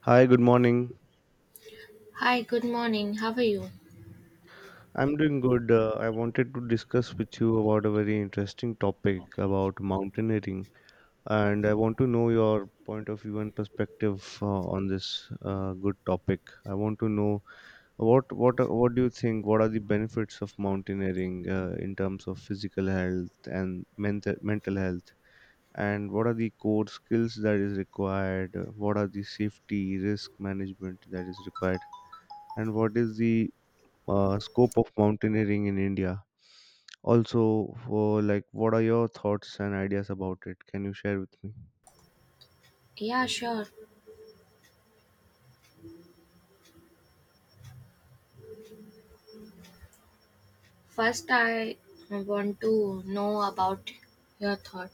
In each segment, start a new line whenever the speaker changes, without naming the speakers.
Hi, good morning.
Hi, good morning. How are you?
I'm doing good. I wanted to discuss with you about a very interesting topic about mountaineering, and I want to know your point of view and perspective on this good topic. I want to know what do you think? What are the benefits of mountaineering in terms of physical health and mental health? And what are the core skills that is required? What are the safety risk management that is required? And what is the scope of mountaineering in India. Also, for like, what are your thoughts and ideas about it? Can you share with me?
Yeah, sure. First, I want to know about your thought.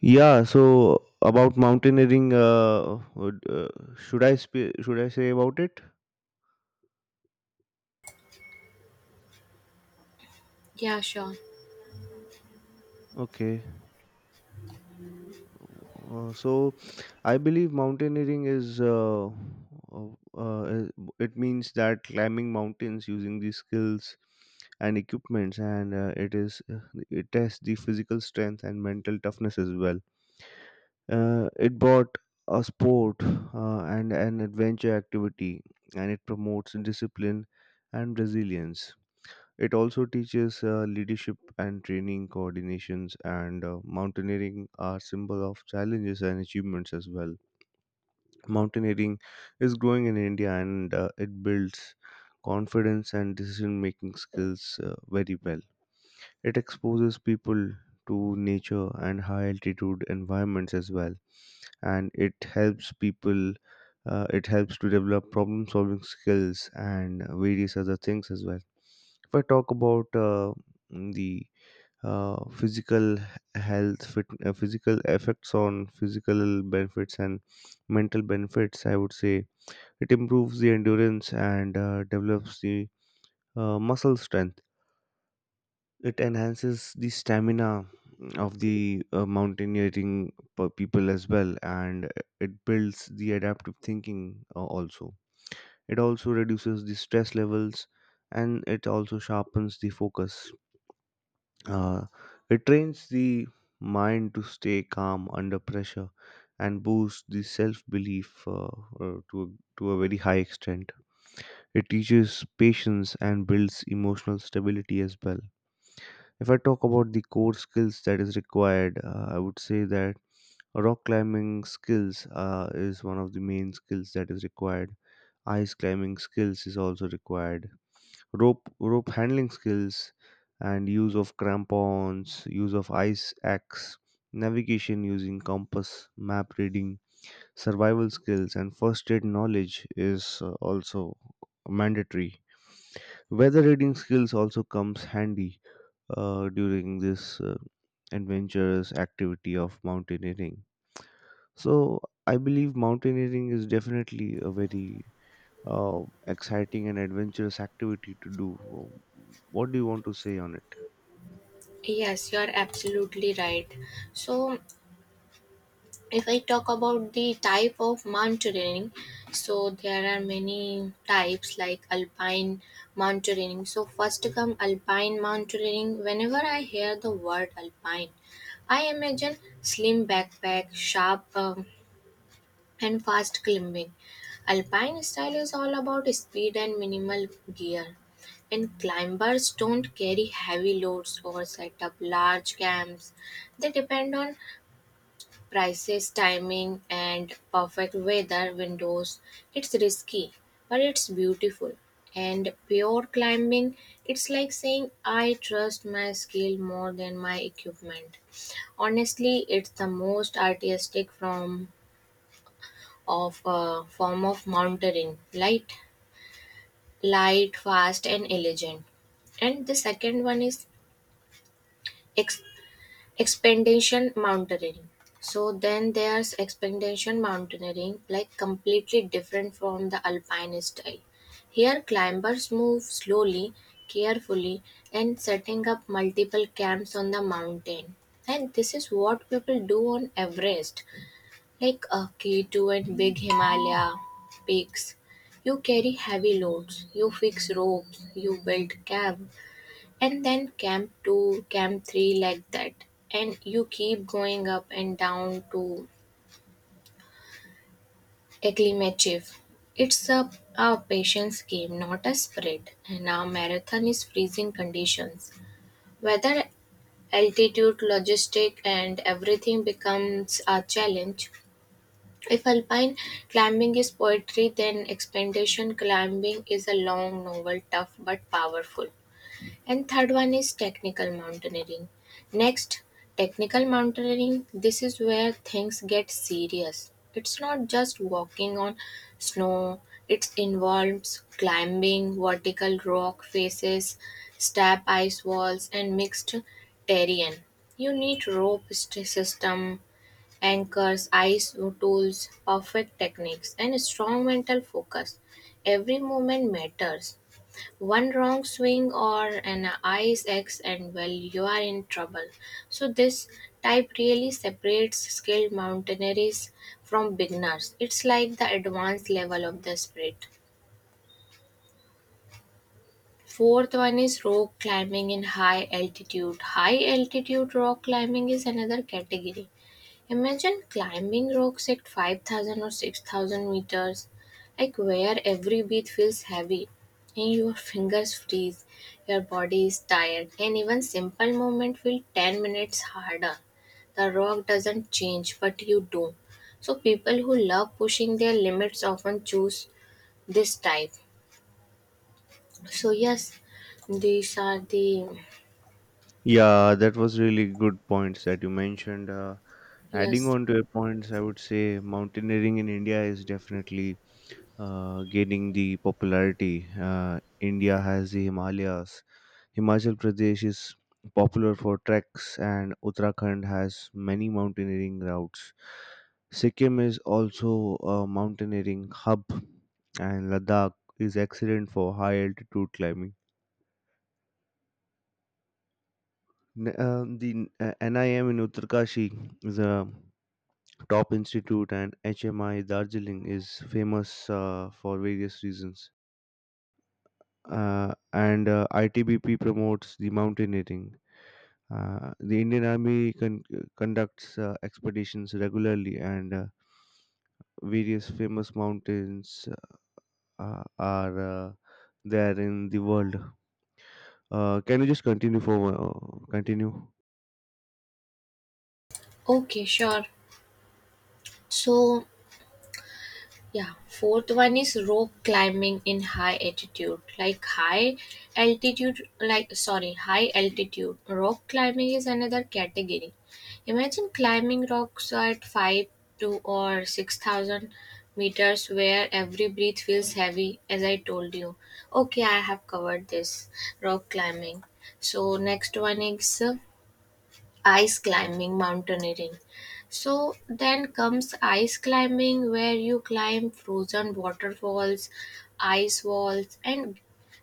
Yeah. So about mountaineering, would, should I sp- should I say about it?
Yeah, sure.
Okay. So I believe mountaineering is uh, it means that climbing mountains using these skills and equipments, and it is it tests the physical strength and mental toughness as well. It brought a sport and an adventure activity, and it promotes discipline and resilience. It also teaches leadership and training coordinations, and mountaineering are symbol of challenges and achievements as well. Mountaineering is growing in India, and it builds confidence and decision making skills very well. It exposes people to nature and high altitude environments as well, and it helps people. It helps to develop problem solving skills and various other things as well. If I talk about the physical physical effects on physical benefits and mental benefits, I would say it improves the endurance and develops the muscle strength. It enhances the stamina of the mountaineering people as well, and it builds the adaptive thinking. Also it also reduces the stress levels, and it also sharpens the focus. uh, it trains the mind to stay calm under pressure and boosts the self belief to to a very high extent. It teaches patience and builds emotional stability as well. If I talk about the core skills that is required, I would say that rock climbing skills is one of the main skills that is required. Ice climbing skills is also required. Rope handling skills and use of crampons, use of ice axe, navigation using compass, map reading, survival skills, and first aid knowledge is also mandatory. Weather reading skills also comes handy during this adventurous activity of mountaineering. So I believe mountaineering is definitely a very uh, exciting and adventurous activity to do. What do you want to say on it?
Yes, you're absolutely right. So, if I talk about the type of mountaineering, so there are many types like alpine mountaineering. So, first come alpine mountaineering. Whenever I hear the word alpine, I imagine slim backpack, sharp and fast climbing. Alpine style is all about speed and minimal gear, and climbers don't carry heavy loads or set up large camps. They depend on prices, timing, and perfect weather windows. It's risky, but it's beautiful. And pure climbing, it's like saying, I trust my skill more than my equipment. Honestly, it's the most artistic form of mountaineering, light light fast and elegant. And the second one is ex- expedition mountaineering. So then there's expedition mountaineering, like completely different from the alpine style. Here climbers move slowly, carefully, and setting up multiple camps on the mountain. And this is what people do on Everest, like a K2 and big Himalaya peaks. You carry heavy loads, you fix ropes, you build camp, and then camp 2, camp 3, like that. And you keep going up and down to Eklimachev. It's a patience game, not a sprint, and our marathon is freezing conditions. Weather, altitude, logistic, and everything becomes a challenge. If alpine climbing is poetry, then expedition climbing is a long, novel, tough but powerful. And third one is technical mountaineering. Next, technical mountaineering. This is where things get serious. It's not just walking on snow, it involves climbing vertical rock faces, steep ice walls, and mixed terrain. You need system, anchors, eyes, tools, perfect techniques, and strong mental focus. Every movement matters. One wrong swing or an ice axe, and well, you are in trouble. So, this type really separates skilled mountaineers from beginners. It's like the advanced level of the spirit. Fourth one is rock climbing in high altitude. High altitude rock climbing is another category. Imagine climbing rocks at 5,000 or 6,000 meters, like where every beat feels heavy and your fingers freeze, your body is tired, and even simple movement feel 10 minutes harder. The rock doesn't change, but you do. So people who love pushing their limits often choose this type. So yes, these are the
Yeah, that was really good points that you mentioned. Adding
yes.
on to your points, I would say mountaineering in India is definitely gaining the popularity. India has the Himalayas, Himachal Pradesh is popular for treks, and Uttarakhand has many mountaineering routes. Sikkim is also a mountaineering hub, and Ladakh is excellent for high altitude climbing. The NIM in Uttarkashi is a top institute, and HMI Darjeeling is famous for various reasons. And ITBP promotes the mountaineering. The Indian Army conducts expeditions regularly, and various famous mountains are there in the world. Can you just continue for continue?
Okay, sure. So yeah, fourth one is rock climbing in high altitude. Like high altitude, like sorry, high altitude. Rock climbing is another category. Imagine climbing rocks at 5 to or 6,000 meters where every breath feels heavy, as I told you. Okay, I have covered this rock climbing. So, next one is ice climbing, mountaineering. So then comes ice climbing, where you climb frozen waterfalls, ice walls, and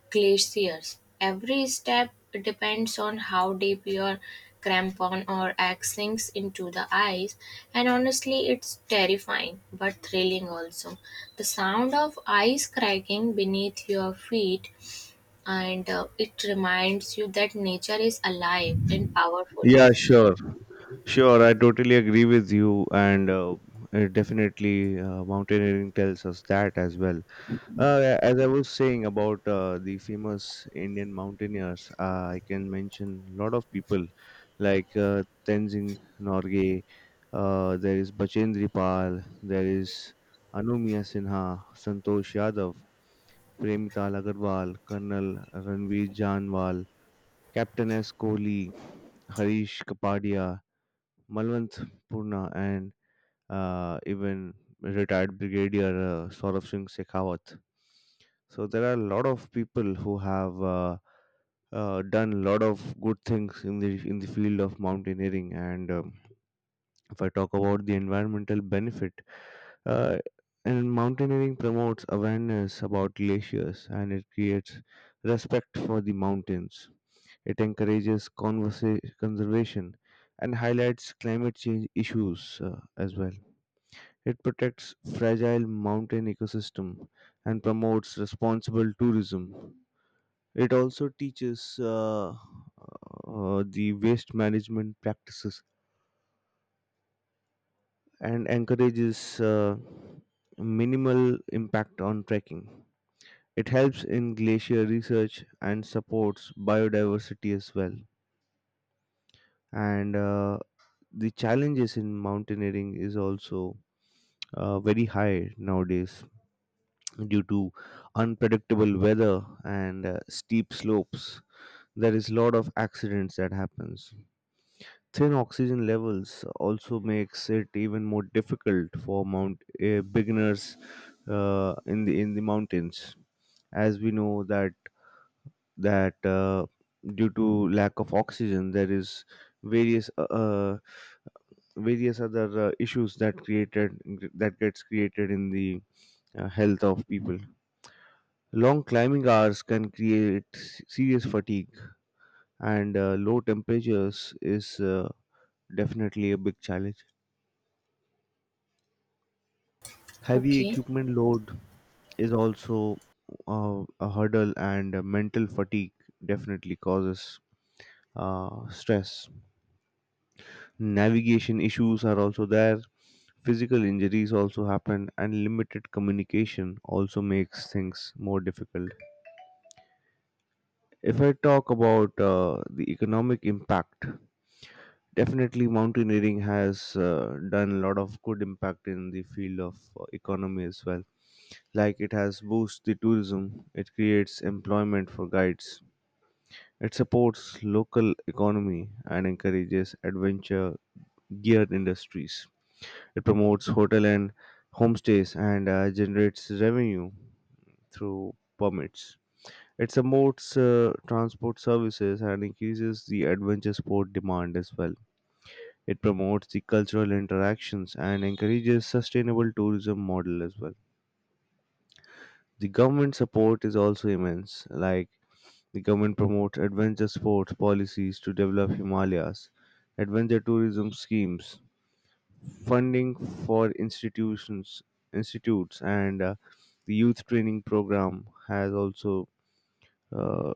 glaciers. Every step depends on how deep your crampon or axe sinks into the ice, and honestly, it's terrifying but thrilling also. The sound of ice cracking beneath your feet, and it reminds you that nature is alive and powerful.
Yeah, sure, sure. I totally agree with you, and definitely mountaineering tells us that as well. As I was saying about the famous Indian mountaineers, I can mention a lot of people like Tenzing Norgay, there is Bachendri Pal, there is Anumiya Sinha, Santosh Yadav, Premital Agarwal, Colonel Ranveer Janwal, Captain S. Kohli, Harish Kapadia, Malwant Purna, and even retired brigadier Saurabh Singh Shekhawat. So there are a lot of people who have done a lot of good things in the field of mountaineering. And if I talk about the environmental benefit, uh, and mountaineering promotes awareness about glaciers, and it creates respect for the mountains. It encourages conservation and highlights climate change issues as well. It protects fragile mountain ecosystem and promotes responsible tourism. It also teaches the waste management practices and encourages minimal impact on trekking. It helps in glacier research and supports biodiversity as well. And the challenges in mountaineering is also very high nowadays due to unpredictable weather and steep slopes. There is a lot of accidents that happens. Thin oxygen levels also makes it even more difficult for mount beginners in the mountains. As we know that that uh, due to lack of oxygen there is various uh, uh, various other issues that created, that gets created in the health of people. Long climbing hours can create serious fatigue, and low temperatures is definitely a big challenge. Heavy
Okay.
equipment load is also a hurdle, and mental fatigue definitely causes stress. Navigation issues are also there. Physical injuries also happen, and limited communication also makes things more difficult. If I talk about the economic impact, definitely mountaineering has done a lot of good impact in the field of economy as well. Like it has boosted the tourism, it creates employment for guides, it supports local economy and encourages adventure geared industries. It promotes hotel and homestays, and generates revenue through permits. It promotes transport services and increases the adventure sport demand as well. It promotes the cultural interactions and encourages sustainable tourism model as well. The government support is also immense. Like the government promotes adventure sports policies to develop Himalayas, adventure tourism schemes, funding for institutions, institutes, and the youth training program has also uh,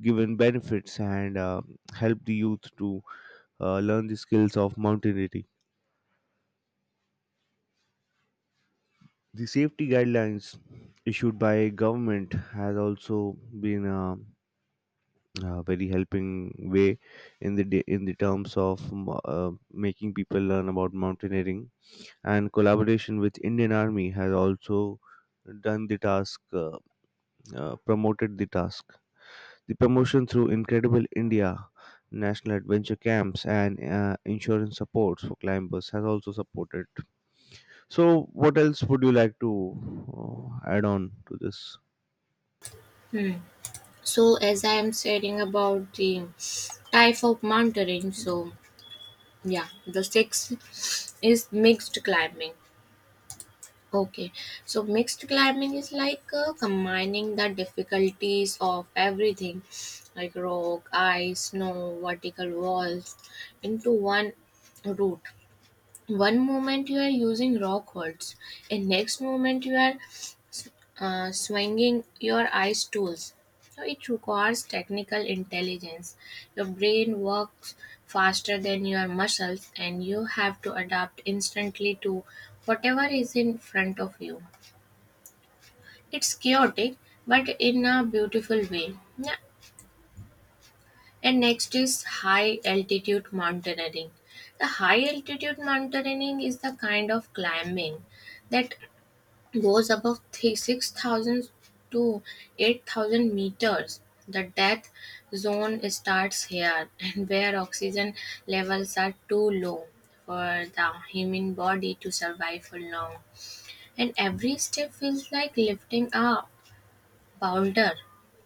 given benefits and helped the youth to learn the skills of mountaineering. The safety guidelines issued by government has also been a very helping way in the in the terms of making people learn about mountaineering, and collaboration with Indian Army has also done the task promoted the task. The promotion through Incredible India, national adventure camps, and insurance supports for climbers has also supported. So, what else would you like to add on to this?
Hmm. So as I am saying about the type of mountaineering, so yeah, the sixth is mixed climbing. Okay, so mixed climbing is like combining the difficulties of everything, like rock, ice, snow, vertical walls, into one route. One moment you are using rock walls, and next moment you are swinging your eyes tools. So it requires technical intelligence. Your brain works faster than your muscles, and you have to adapt instantly to whatever is in front of you. It's chaotic, but in a beautiful way. Yeah. And next is high altitude mountaineering. The high altitude mountaineering is the kind of climbing that goes above 6,000 to 8,000 meters. The death zone starts here, and where oxygen levels are too low for the human body to survive for long. And every step feels like lifting a boulder.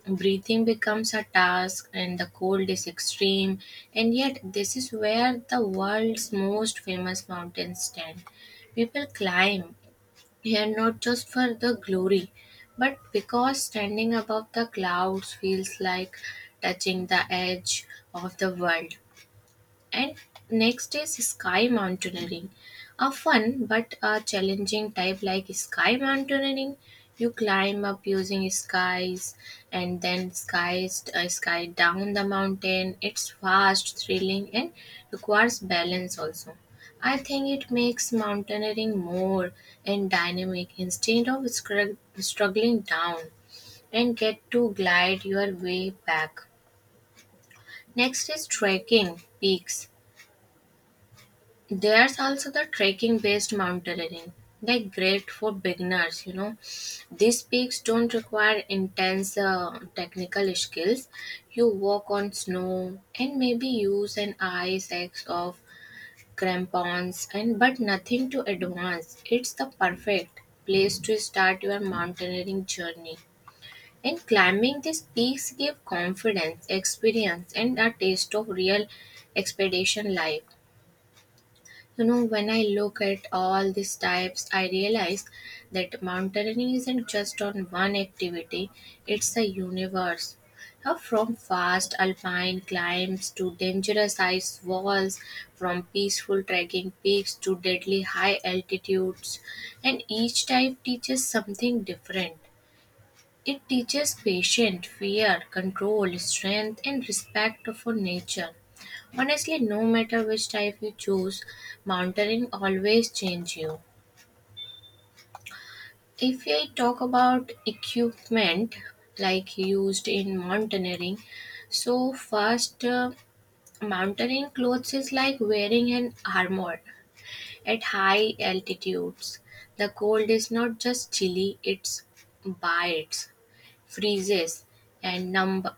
Breathing becomes a task, and the cold is extreme. And yet, this is where the world's most famous mountains stand. People climb here not just for the glory, but because standing above the clouds feels like touching the edge of the world. And next is sky mountaineering. A fun but a challenging type like sky mountaineering. You climb up using skies and then skies sky down the mountain. It's fast, thrilling, and requires balance also. I think it makes mountaineering more and dynamic, instead of struggling down and get to glide your way back. Next is trekking peaks. There's also the trekking based mountaineering. They're great for beginners, you know. These peaks don't require intense technical skills. You walk on snow and maybe use an ice axe of crampons and but nothing to advance. It's the perfect place to start your mountaineering journey. And climbing these peaks give confidence, experience and a taste of real expedition life. You know, when I look at all these types, I realize that mountaineering isn't just on one activity, it's a universe. Now, from fast alpine climbs to dangerous ice walls, from peaceful trekking peaks to deadly high altitudes, and each type teaches something different. It teaches patience, fear, control, strength, and respect for nature. Honestly, no matter which type you choose, mountaineering always change you. If I talk about equipment like used in mountaineering, so first mountaineering clothes is like wearing an armor at high altitudes. The cold is not just chilly; it's bites, freezes, and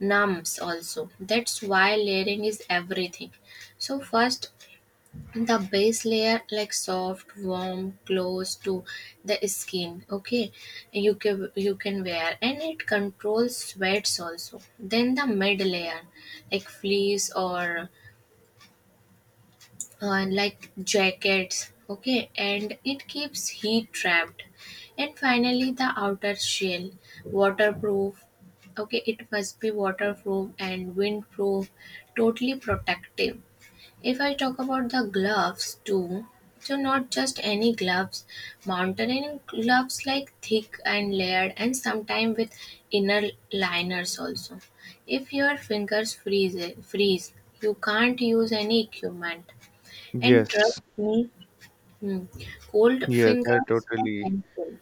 numbs also. That's why layering is everything. So first the base layer, like soft warm close to the skin, okay, you can wear, and it controls sweats also. Then the mid layer, like fleece or like jackets, okay, and it keeps heat trapped. And finally the outer shell, waterproof, okay, it must be waterproof and windproof, totally protective. If I talk about the gloves too, so not just any gloves, mountaineering gloves like thick and layered and sometimes with inner liners also. If your fingers freeze, you can't use any equipment. And trust
Yes,
me, hmm, cold
yes, I
fingers are
totally,
painful.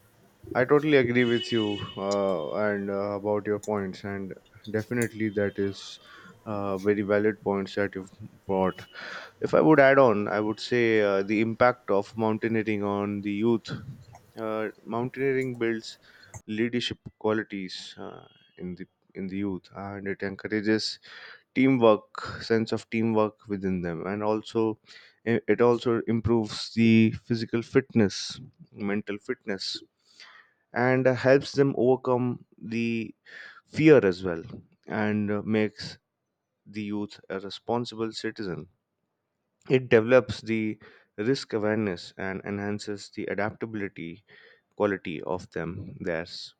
I totally agree with you, and about your points, and definitely that is very valid points that you've brought. If I would add on, I would say the impact of mountaineering on the youth. Mountaineering builds leadership qualities in the in the youth, and it encourages teamwork sense of teamwork within them, and also it also improves the physical fitness, mental fitness, and helps them overcome the fear as well, and makes the youth a responsible citizen. It develops the risk awareness and enhances the adaptability quality of them theirs.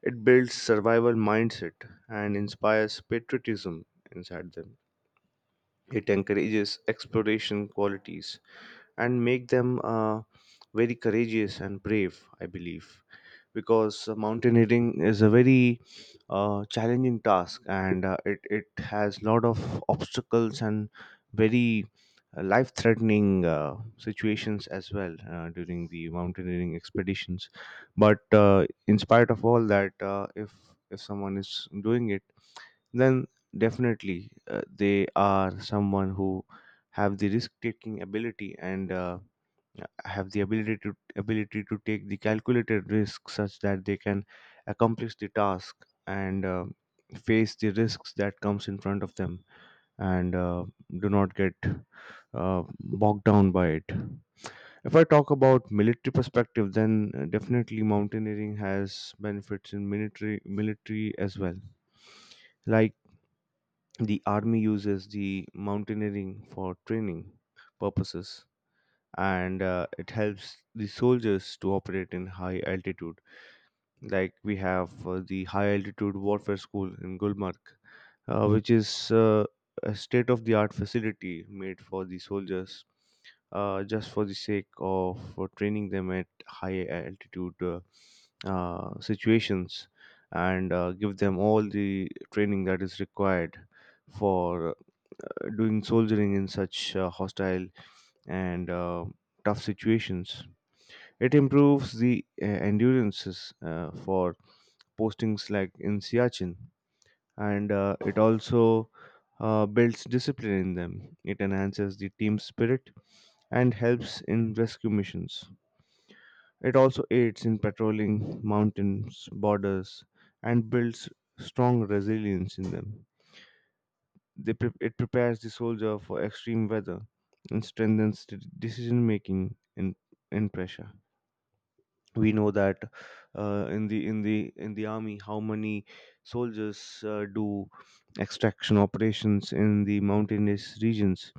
It builds survival mindset and inspires patriotism inside them. It encourages exploration qualities and make them very courageous and brave, I believe, because mountaineering is a very challenging task, and it has lot of obstacles and very life threatening situations as well during the mountaineering expeditions. But in spite of all that if someone is doing it, then definitely they are someone who have the risk taking ability and have the ability to ability to take the calculated risk such that they can accomplish the task and face the risks that comes in front of them, and do not get bogged down by it. If I talk about military perspective, then definitely mountaineering has benefits in military as well. Like the army uses the mountaineering for training purposes, and it helps the soldiers to operate in high altitude. Like we have the High Altitude Warfare School in Gulmarg, which is a state of the art facility made for the soldiers just for the sake of training them at high altitude situations, and give them all the training that is required for doing soldiering in such hostile and tough situations. It improves the endurances for postings like in Siachen, and it also builds discipline in them. It enhances the team spirit and helps in rescue missions. It also aids in patrolling mountains, borders, and builds strong resilience in them. It prepares the soldier for extreme weather and strengthens the decision making in pressure. We know that in the in the army, how many soldiers do extraction operations in the mountainous regions,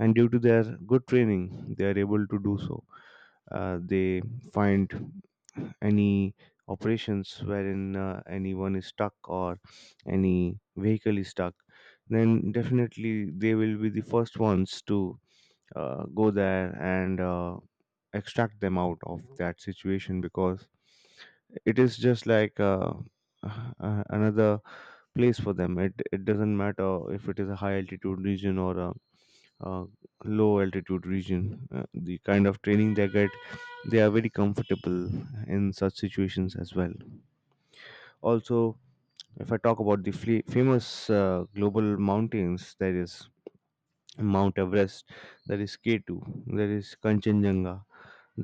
and due to their good training, they are able to do so. They find any operations wherein anyone is stuck or any vehicle is stuck, then definitely they will be the first ones to go there and extract them out of that situation, because it is just like another place for them. It doesn't matter if it is a high altitude region or a uh, low altitude region. The kind of training they get, they are very comfortable in such situations as well. Also, if I talk about the famous global mountains, there is Mount Everest, there is k2, there is Kanchenjunga,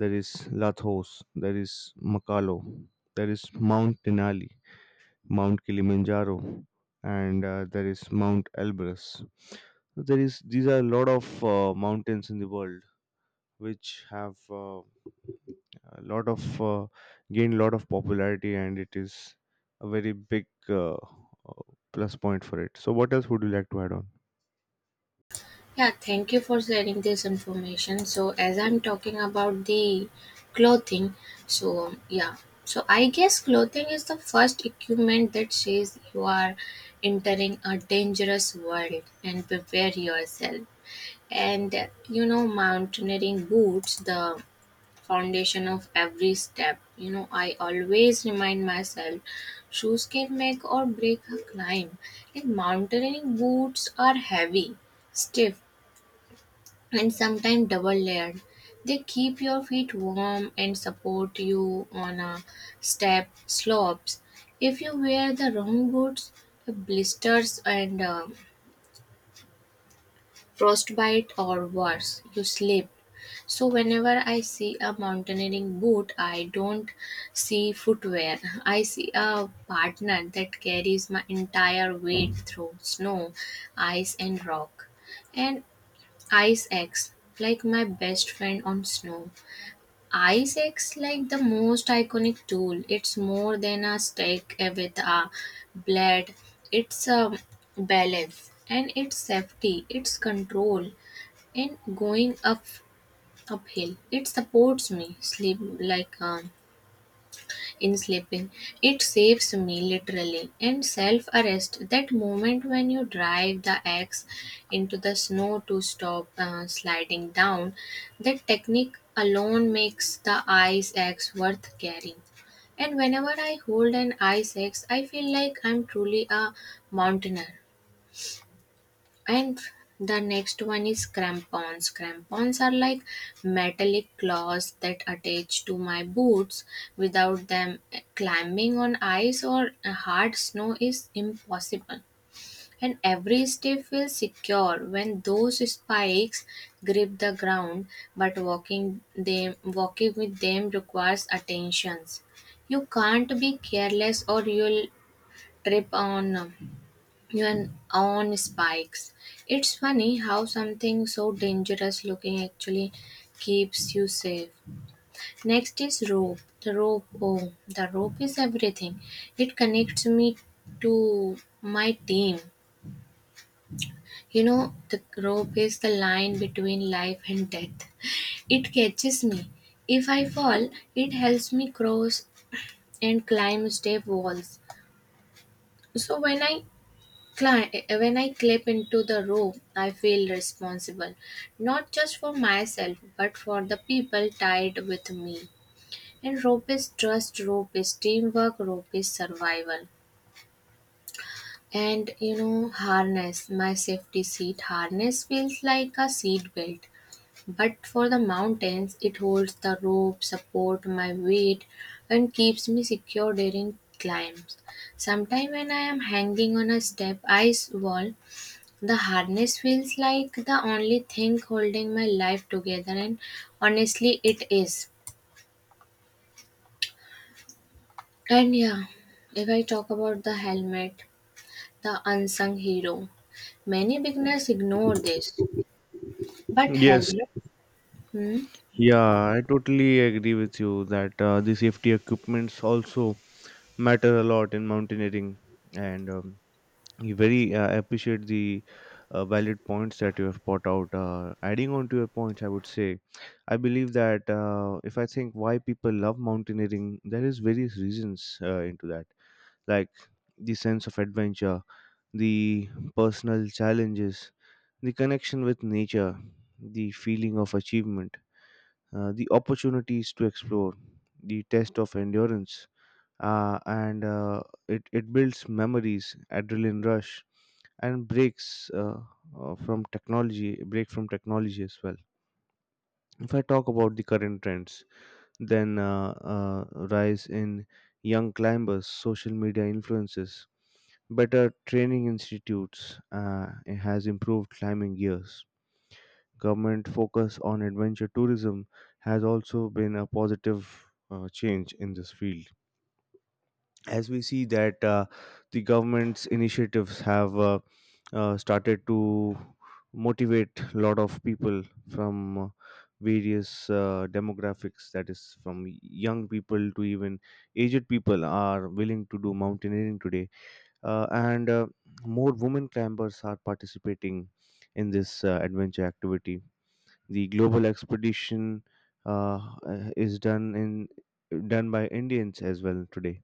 there is Lathos, there is Makalo, there is Mount Denali, Mount Kilimanjaro, and there is Mount Elbrus. There is These are a lot of mountains in the world which have a lot of gained a lot of popularity, and it is a very big plus point for it. So what else would you like to add on?
Yeah, thank you for sharing this information. So, as I'm talking about the clothing, so yeah, so I guess clothing is the first equipment that says you are entering a dangerous world and prepare yourself. And You know, mountaineering boots, the foundation of every step. You know, I always remind myself shoes can make or break a climb, and mountaineering boots are heavy stiff and sometimes double layered. They keep your feet warm and support you on a step slopes. If you wear the wrong boots, blisters and frostbite or worse, you slip. So whenever I see a mountaineering boot, I don't see footwear. I see a partner that carries my entire weight through snow, ice and rock. And Ice X, like my best friend on snow. Ice X, like the most iconic tool. It's more than a stick with a blade. It's a balance and it's safety. It's control and going up uphill. It supports me sleep like in sleeping. It saves me literally. And self arrest, that moment when you drive the axe into the snow to stop sliding down, that technique alone makes the ice axe worth carrying. And whenever I hold an ice axe, I feel like I'm truly a mountaineer. And the next one is crampons. Crampons are like metallic claws that attach to my boots. Without them, climbing on ice or hard snow is impossible. And every step feels secure when those spikes grip the ground, but walking with them requires attentions. You can't be careless or you'll trip on even on spikes. It's funny how something so dangerous looking actually keeps you safe. Next is rope. The rope, oh, the rope is everything. It connects me to my team. You know, the rope is the line between life and death. It catches me. If I fall, it helps me cross and climb step walls. So when I clip into the rope, I feel responsible, not just for myself, but for the people tied with me. And rope is trust, rope is teamwork, rope is survival. And you know, harness, my safety seat harness feels like a seat belt. But for the mountains, it holds the rope, support my weight, and keeps me secure during climbs. Sometime when I am hanging on a step ice wall, the harness feels like the only thing holding my life together, and honestly, it is. And yeah, if I talk about the helmet, the unsung hero, many beginners ignore this. But
Yes.
helmet, hmm?
Yeah, I totally agree with you that the safety equipments also matter a lot in mountaineering, and you very appreciate the valid points that you have brought out. Adding on to your points, I would say, I believe that if I think why people love mountaineering, there is various reasons into that, like the sense of adventure, the personal challenges, the connection with nature, the feeling of achievement, the opportunities to explore, the test of endurance, and it builds memories, adrenaline rush, and breaks from technology break from technology as well. If I talk about the current trends, then uh, rise in young climbers, social media influences, better training institutes, it has improved climbing gears, government focus on adventure tourism has also been a positive change in this field. As we see that the government's initiatives have started to motivate a lot of people from various demographics, that is from young people to even aged people are willing to do mountaineering today. And More women climbers are participating in this adventure activity. The global expedition uh, is done by Indians as well today,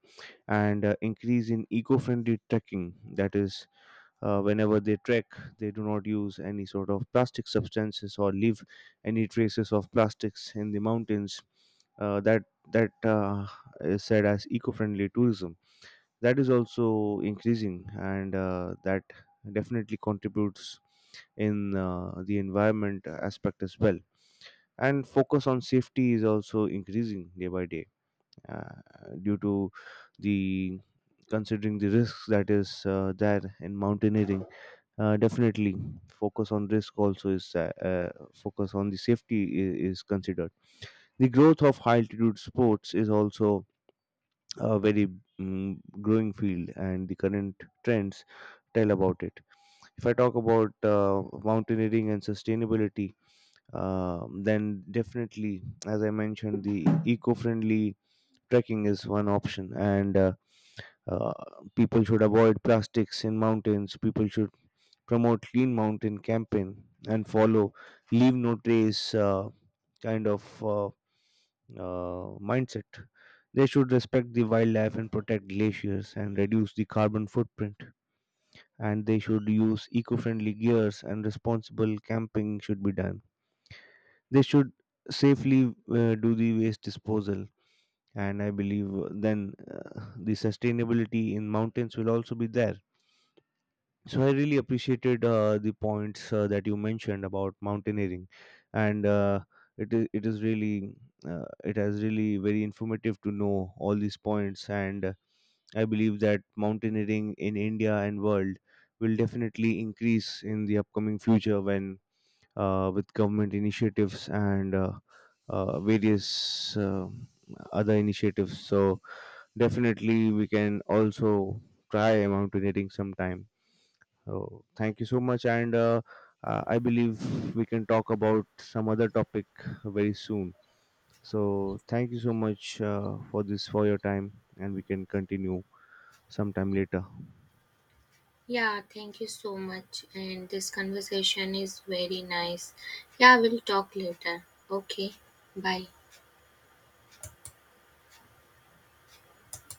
and increase in eco-friendly trekking, that is whenever they trek, they do not use any sort of plastic substances or leave any traces of plastics in the mountains. That that is said as eco-friendly tourism. That is also increasing, and that definitely contributes in the environment aspect as well. And focus on safety is also increasing day by day, due to the considering the risks that is there in mountaineering. Definitely focus on risk also is, focus on the safety is considered. The growth of high altitude sports is also a very growing field, and the current trends tell about it. If I talk about mountaineering and sustainability, then definitely, as I mentioned, the eco-friendly trekking is one option, and uh, people should avoid plastics in mountains. People should promote clean mountain campaign and follow leave no trace kind of mindset. They should respect the wildlife and protect glaciers and reduce the carbon footprint. And they should use eco-friendly gears and responsible camping should be done. They should safely do the waste disposal, and I believe the sustainability in mountains will also be there. So I really appreciated the points that you mentioned about mountaineering, and it is really it has really very informative to know all these points, and I believe that mountaineering in India and world will definitely increase in the upcoming future when, with government initiatives and various uh, other initiatives, so definitely we can also try mountaineering sometime. So thank you so much. And I believe we can talk about some other topic very soon. So thank you so much for this, for your time, and we can continue sometime later.
Yeah, thank you so much. And this conversation is very nice. Yeah, we'll talk later. Okay, bye.